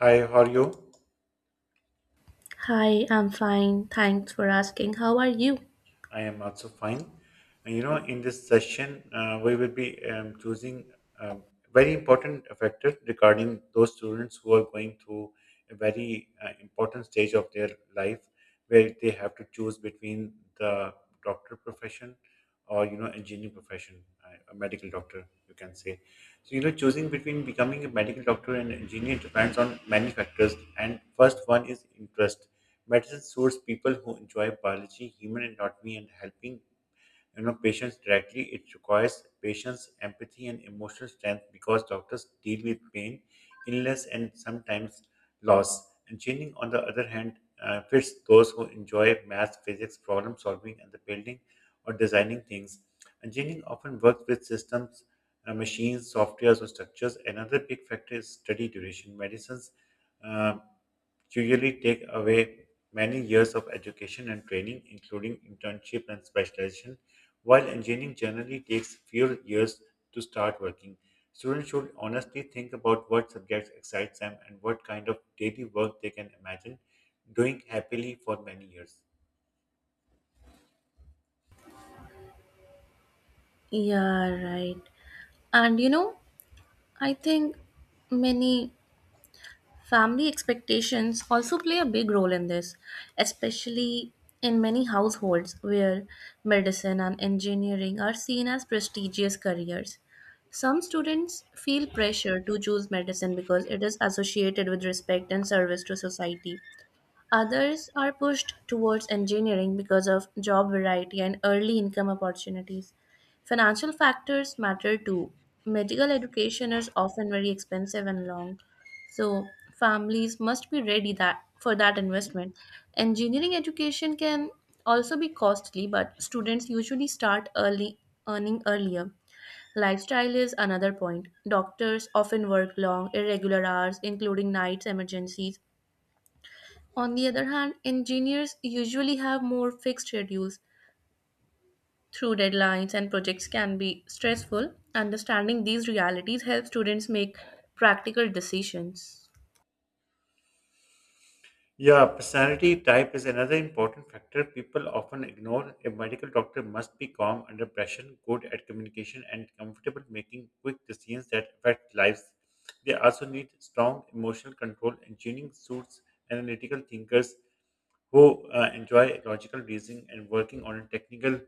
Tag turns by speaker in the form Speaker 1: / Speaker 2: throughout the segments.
Speaker 1: Hi, how are you?
Speaker 2: Hi, I'm fine. Thanks for asking. How are you?
Speaker 1: I am also fine. In this session, we will be choosing a very important factor regarding those students who are going through a very important stage of their life, where they have to choose between the doctor profession or engineering profession, a medical doctor, you can say. So, choosing between becoming a medical doctor and engineer depends on many factors. And first one is interest. Medicine suits people who enjoy biology, human anatomy, and helping patients directly. It requires patience, empathy and emotional strength, because doctors deal with pain, illness and sometimes loss and changing. On the other hand, fits those who enjoy math, physics, problem solving and the building or designing things. Engineering often works with systems, machines, softwares or structures. Another big factor is study duration. Medicines uh, usually take away many years of education and training, including internship and specialization, while engineering generally takes few years to start working. Students should honestly think about what subjects excites them and what kind of daily work they can imagine doing happily for many years.
Speaker 2: Yeah, right. And you know, I think many family expectations also play a big role in this, especially in many households where medicine and engineering are seen as prestigious careers. Some students feel pressure to choose medicine because it is associated with respect and service to society. Others are pushed towards engineering because of job variety and early income opportunities. Financial factors matter too. Medical education is often very expensive and long, so families must be ready that for that investment. Engineering education can also be costly, but students usually start early earning earlier. Lifestyle is another point. Doctors often work long, irregular hours, including nights, emergencies. On the other hand, engineers usually have more fixed schedules through deadlines and projects can be stressful. Understanding these realities helps students make practical decisions.
Speaker 1: Yeah, personality type is another important factor people often ignore. A medical doctor must be calm under pressure, good at communication, and comfortable making quick decisions that affect lives. They also need strong emotional control. Engineering suits analytical thinkers who enjoy logical reasoning and working on technical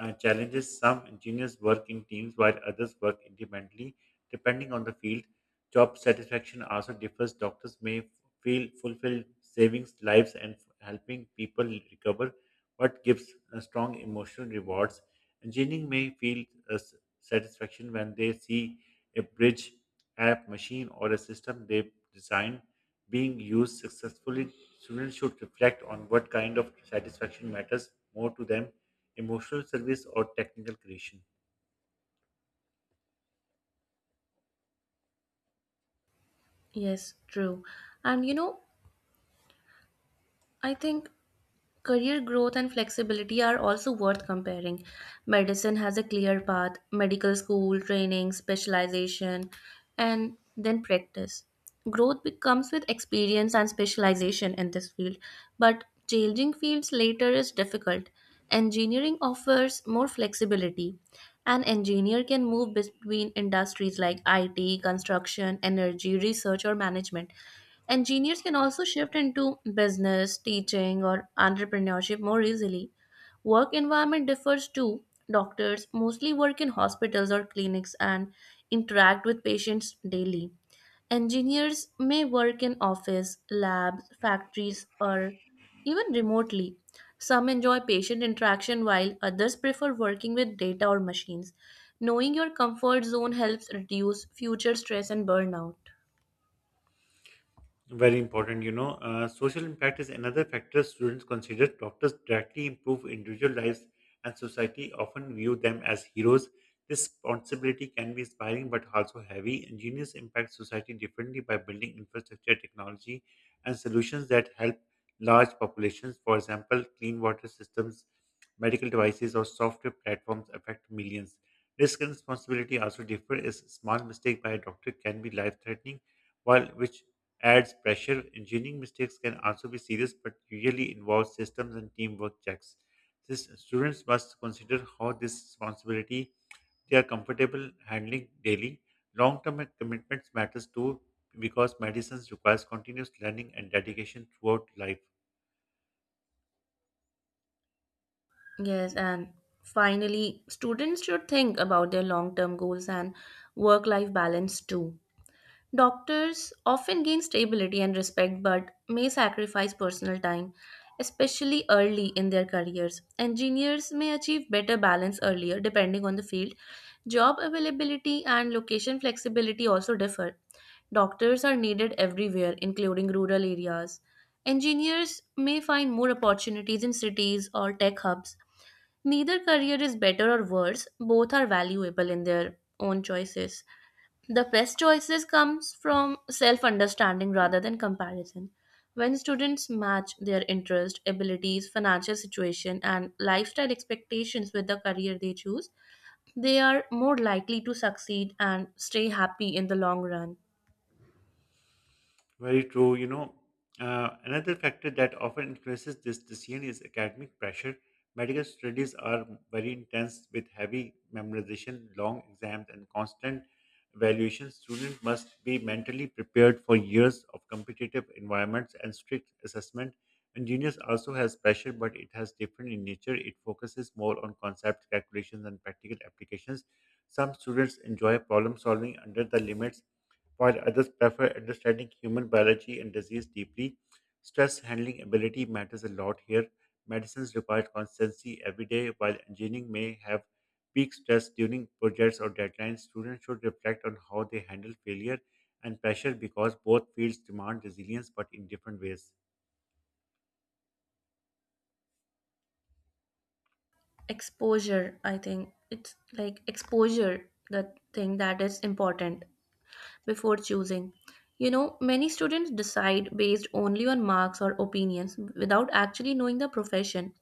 Speaker 1: challenges. Some engineers work in teams while others work independently, depending on the field. Job satisfaction also differs. Doctors may feel fulfilled, saving lives and helping people recover. What gives a strong emotional rewards? Engineering may feel a satisfaction when they see a bridge, app, machine, or a system they design being used successfully. Students should reflect on what kind of satisfaction matters more to them, emotional service or technical creation.
Speaker 2: Yes, true. And you know, I think career growth and flexibility are also worth comparing. Medicine has a clear path, medical school, training, specialization, and then practice. Growth comes with experience and specialization in this field, but changing fields later is difficult. Engineering offers more flexibility. An engineer can move between industries like IT, construction, energy, research, or management. Engineers can also shift into business, teaching, or entrepreneurship more easily. Work environment differs too. Doctors mostly work in hospitals or clinics and interact with patients daily. Engineers may work in office, labs, factories, or even remotely. Some enjoy patient interaction while others prefer working with data or machines. Knowing your comfort zone helps reduce future stress and burnout.
Speaker 1: Very important, you know. Social impact is another factor students consider. Doctors directly improve individual lives, and society often view them as heroes. This responsibility can be inspiring but also heavy. Engineers impact society differently by building infrastructure, technology, and solutions that help large populations. For example, clean water systems, medical devices, or software platforms affect millions. Risk and responsibility also differ, as a small mistake by a doctor can be life threatening, while which adds pressure. Engineering mistakes can also be serious, but usually involve systems and teamwork checks. This, students must consider how this responsibility they are comfortable handling daily. Long-term commitments matters too, because medicine requires continuous learning and dedication throughout life.
Speaker 2: Yes, and finally, students should think about their long term goals and work life balance too. Doctors often gain stability and respect but may sacrifice personal time, especially early in their careers. Engineers may achieve better balance earlier depending on the field. Job availability and location flexibility also differ. Doctors are needed everywhere, including rural areas. Engineers may find more opportunities in cities or tech hubs. Neither career is better or worse, both are valuable in their own choices. The best choices comes from self-understanding rather than comparison. When students match their interest, abilities, financial situation and lifestyle expectations with the career they choose, they are more likely to succeed and stay happy in the long run.
Speaker 1: Very true. Another factor that often influences this decision is academic pressure. Medical studies are very intense, with heavy memorization, long exams, and constant evaluation. Students must be mentally prepared for years of competitive environments and strict assessment. Engineers also has pressure, but it has different in nature. It focuses more on concepts, calculations, and practical applications. Some students enjoy problem solving under the limits, while others prefer understanding human biology and disease deeply. Stress handling ability matters a lot here. Medicines require constancy every day, while engineering may have peak stress during projects or deadlines. Students should reflect on how they handle failure and pressure, because both fields demand resilience but in different ways.
Speaker 2: Exposure, I think it's like exposure, the thing that is important before choosing. Many students decide based only on marks or opinions without actually knowing the profession.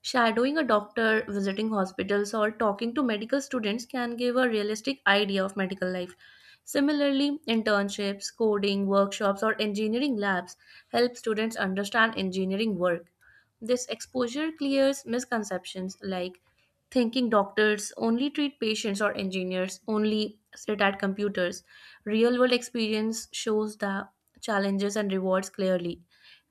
Speaker 2: Shadowing a doctor, visiting hospitals, or talking to medical students can give a realistic idea of medical life. Similarly, internships, coding, workshops, or engineering labs help students understand engineering work. This exposure clears misconceptions like thinking doctors only treat patients or engineers only sit at computers. Real world experience shows the challenges and rewards clearly.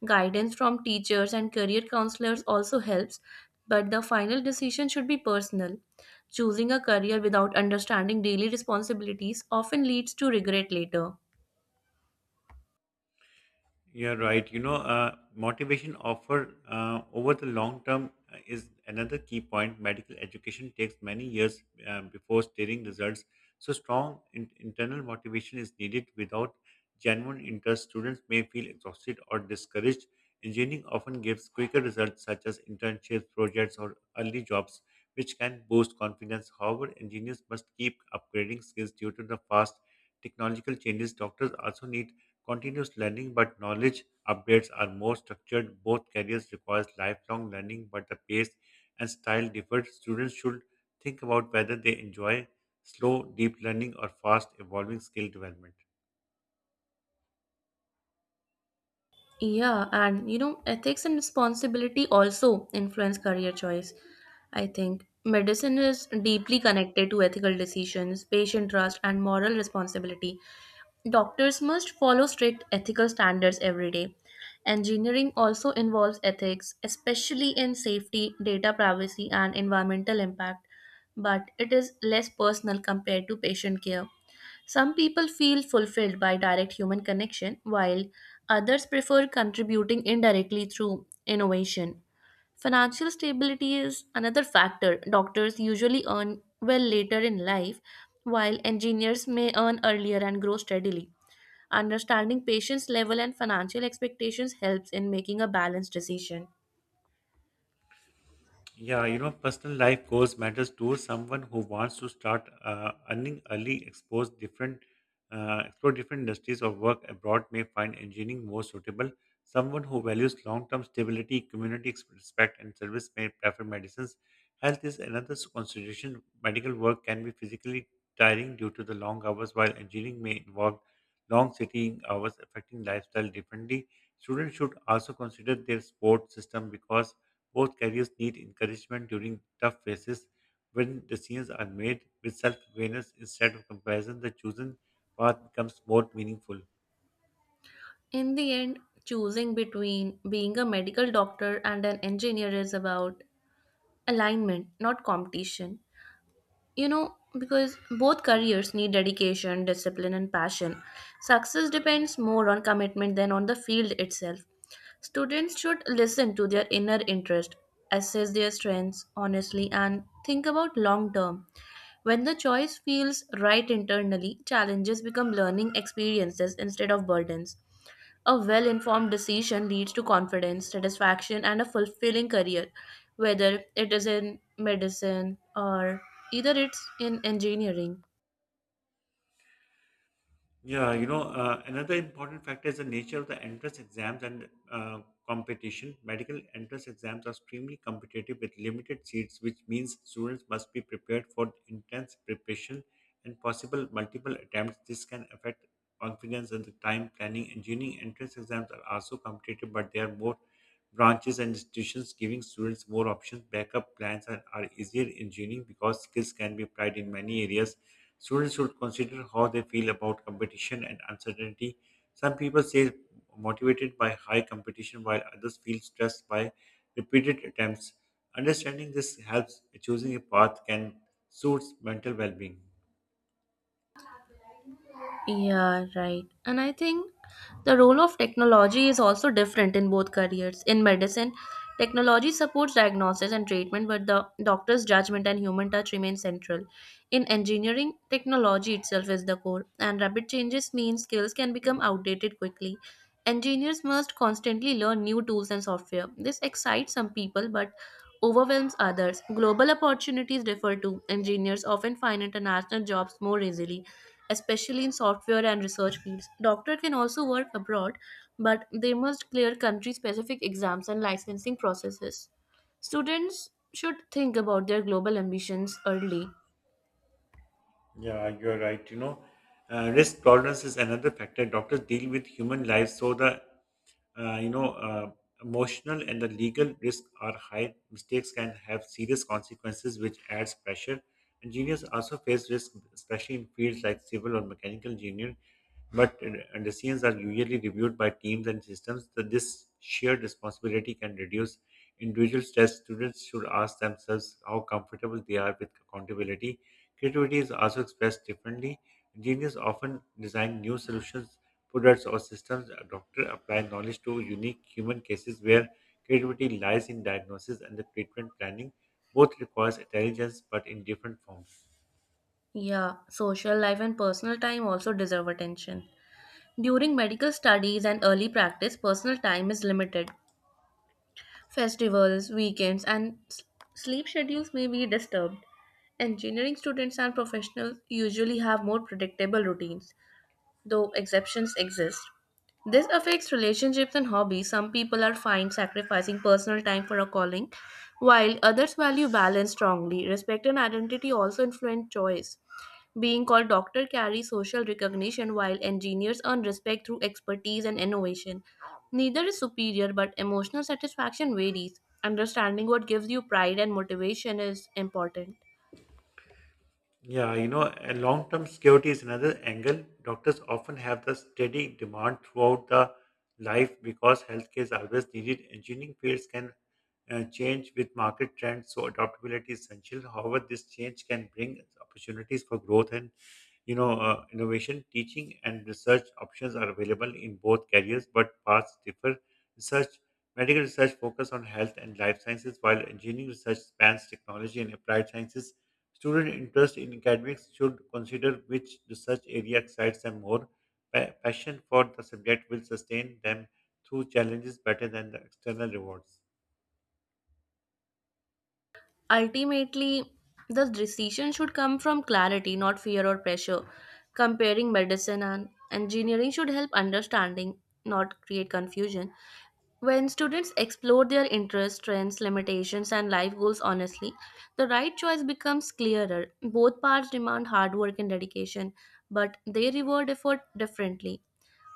Speaker 2: Guidance from teachers and career counselors also helps, but the final decision should be personal. Choosing a career without understanding daily responsibilities often leads to regret later.
Speaker 1: You're right. Motivation offer over the long term is another key point. Medical education takes many years before steering results. So, strong internal motivation is needed. Without genuine interest, students may feel exhausted or discouraged. Engineering often gives quicker results, such as internships, projects, or early jobs, which can boost confidence. However, engineers must keep upgrading skills due to the fast technological changes. Doctors also need continuous learning, but knowledge updates are more structured. Both careers requires lifelong learning, but the pace and style differ. Students should think about whether they enjoy slow, deep learning or fast, evolving skill development.
Speaker 2: Yeah, ethics and responsibility also influence career choice. I think medicine is deeply connected to ethical decisions, patient trust, and moral responsibility. Doctors must follow strict ethical standards every day. Engineering also involves ethics, especially in safety, data privacy, and environmental impact, but it is less personal compared to patient care. Some people feel fulfilled by direct human connection, while others prefer contributing indirectly through innovation. Financial stability is another factor. Doctors usually earn well later in life, while engineers may earn earlier and grow steadily. Understanding patients' level and financial expectations helps in making a balanced decision.
Speaker 1: Personal life goals matters too. Someone who wants to start earning early, explore different industries or work abroad may find engineering more suitable. Someone who values long-term stability, community respect, and service may prefer medicines. Health is another consideration. Medical work can be physically tiring due to the long hours, while engineering may involve long sitting hours, affecting lifestyle differently. Students should also consider their sport system, because both carriers need encouragement during tough phases. When decisions are made with self awareness instead of comparison, the chosen path becomes more meaningful.
Speaker 2: In the end, choosing between being a medical doctor and an engineer is about alignment, not competition. Because both careers need dedication, discipline, and passion. Success depends more on commitment than on the field itself. Students should listen to their inner interest, assess their strengths honestly, and think about long term. When the choice feels right internally, challenges become learning experiences instead of burdens. A well informed decision leads to confidence, satisfaction, and a fulfilling career, whether it is in medicine or either it's in engineering.
Speaker 1: Another important factor is the nature of the entrance exams and competition. Medical entrance exams are extremely competitive with limited seats, which means students must be prepared for intense preparation and possible multiple attempts. This can affect confidence and the time planning. Engineering entrance exams are also competitive, but there are more branches and institutions giving students more options. Backup plans are easier in engineering, because skills can be applied in many areas. Students should consider how they feel about competition and uncertainty. Some people say motivated by high competition, while others feel stressed by repeated attempts. Understanding this helps choosing a path can suit mental well being.
Speaker 2: Yeah, right. And I think the role of technology is also different in both careers. In medicine, technology supports diagnosis and treatment, but the doctor's judgment and human touch remain central. In engineering, technology itself is the core, and rapid changes mean skills can become outdated quickly. Engineers must constantly learn new tools and software. This excites some people, but overwhelms others. Global opportunities differ too. Engineers often find international jobs more easily especially in software and research fields. Doctor can also work abroad, but they must clear country-specific exams and licensing processes. Students should think about their global ambitions early.
Speaker 1: Yeah, you're right. Risk tolerance is another factor. Doctors deal with human lives, so the uh, you know uh, emotional and the legal risks are high. Mistakes can have serious consequences, which adds pressure. Engineers also face risk, especially in fields like civil or mechanical engineering. But decisions are usually reviewed by teams and systems. So this shared responsibility can reduce individual test. Students should ask themselves how comfortable they are with accountability. Creativity is also expressed differently. Engineers often design new solutions, products, or systems. A doctor apply knowledge to unique human cases, where creativity lies in diagnosis and the treatment planning. Both requires intelligence, but in different forms.
Speaker 2: Yeah, social life and personal time also deserve attention. During medical studies and early practice, personal time is limited. Festivals, weekends, and sleep schedules may be disturbed. Engineering students and professionals usually have more predictable routines, though exceptions exist. This affects relationships and hobbies. Some people are fine sacrificing personal time for a calling, while others value balance strongly. Respect and identity also influence choice. Being called doctor carries social recognition, while engineers earn respect through expertise and innovation. Neither is superior, but emotional satisfaction varies. Understanding what gives you pride and motivation is important.
Speaker 1: A long-term security is another angle. Doctors often have the steady demand throughout the life, because healthcare is always needed. Engineering fields can change with market trends, so adaptability is essential. However, this change can bring opportunities for growth and innovation. Teaching and research options are available in both careers, but paths differ. Research, medical research focus on health and life sciences, while engineering research spans technology and applied sciences. Student interest in academics should consider which research area excites them more. Passion for the subject will sustain them through challenges better than the external rewards.
Speaker 2: Ultimately, the decision should come from clarity, not fear or pressure. Comparing medicine and engineering should help understanding, not create confusion. When students explore their interests, strengths, limitations, and life goals honestly, the right choice becomes clearer. Both paths demand hard work and dedication, but they reward effort differently.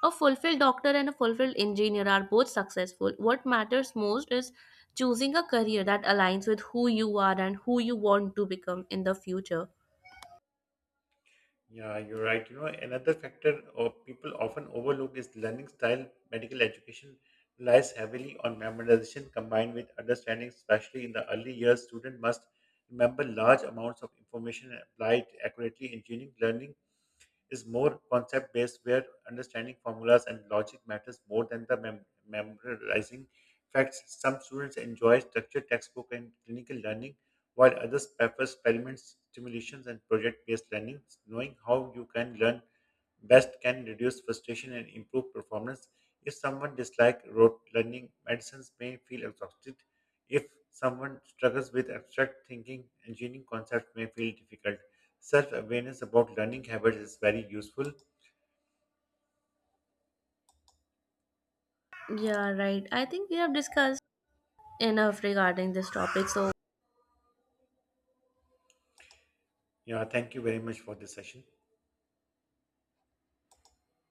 Speaker 2: A fulfilled doctor and a fulfilled engineer are both successful. What matters most is choosing a career that aligns with who you are and who you want to become in the future.
Speaker 1: Yeah, you're right. Another factor of people often overlook is learning style. Medical education relies heavily on memorization combined with understanding, especially in the early years. Student must remember large amounts of information and apply it accurately. Engineering learning is more concept based, where understanding formulas and logic matters more than the memorizing facts. Some students enjoy structured textbook and clinical learning, while others prefer experiments, simulations, and project based learning. Knowing how you can learn best can reduce frustration and improve performance. If someone dislikes rote learning, medicines may feel exhausted. If someone struggles with abstract thinking, engineering concepts may feel difficult. Self awareness about learning habits is very useful.
Speaker 2: Yeah, right. I think we have discussed enough regarding this topic. So
Speaker 1: Yeah, thank you very much for this session.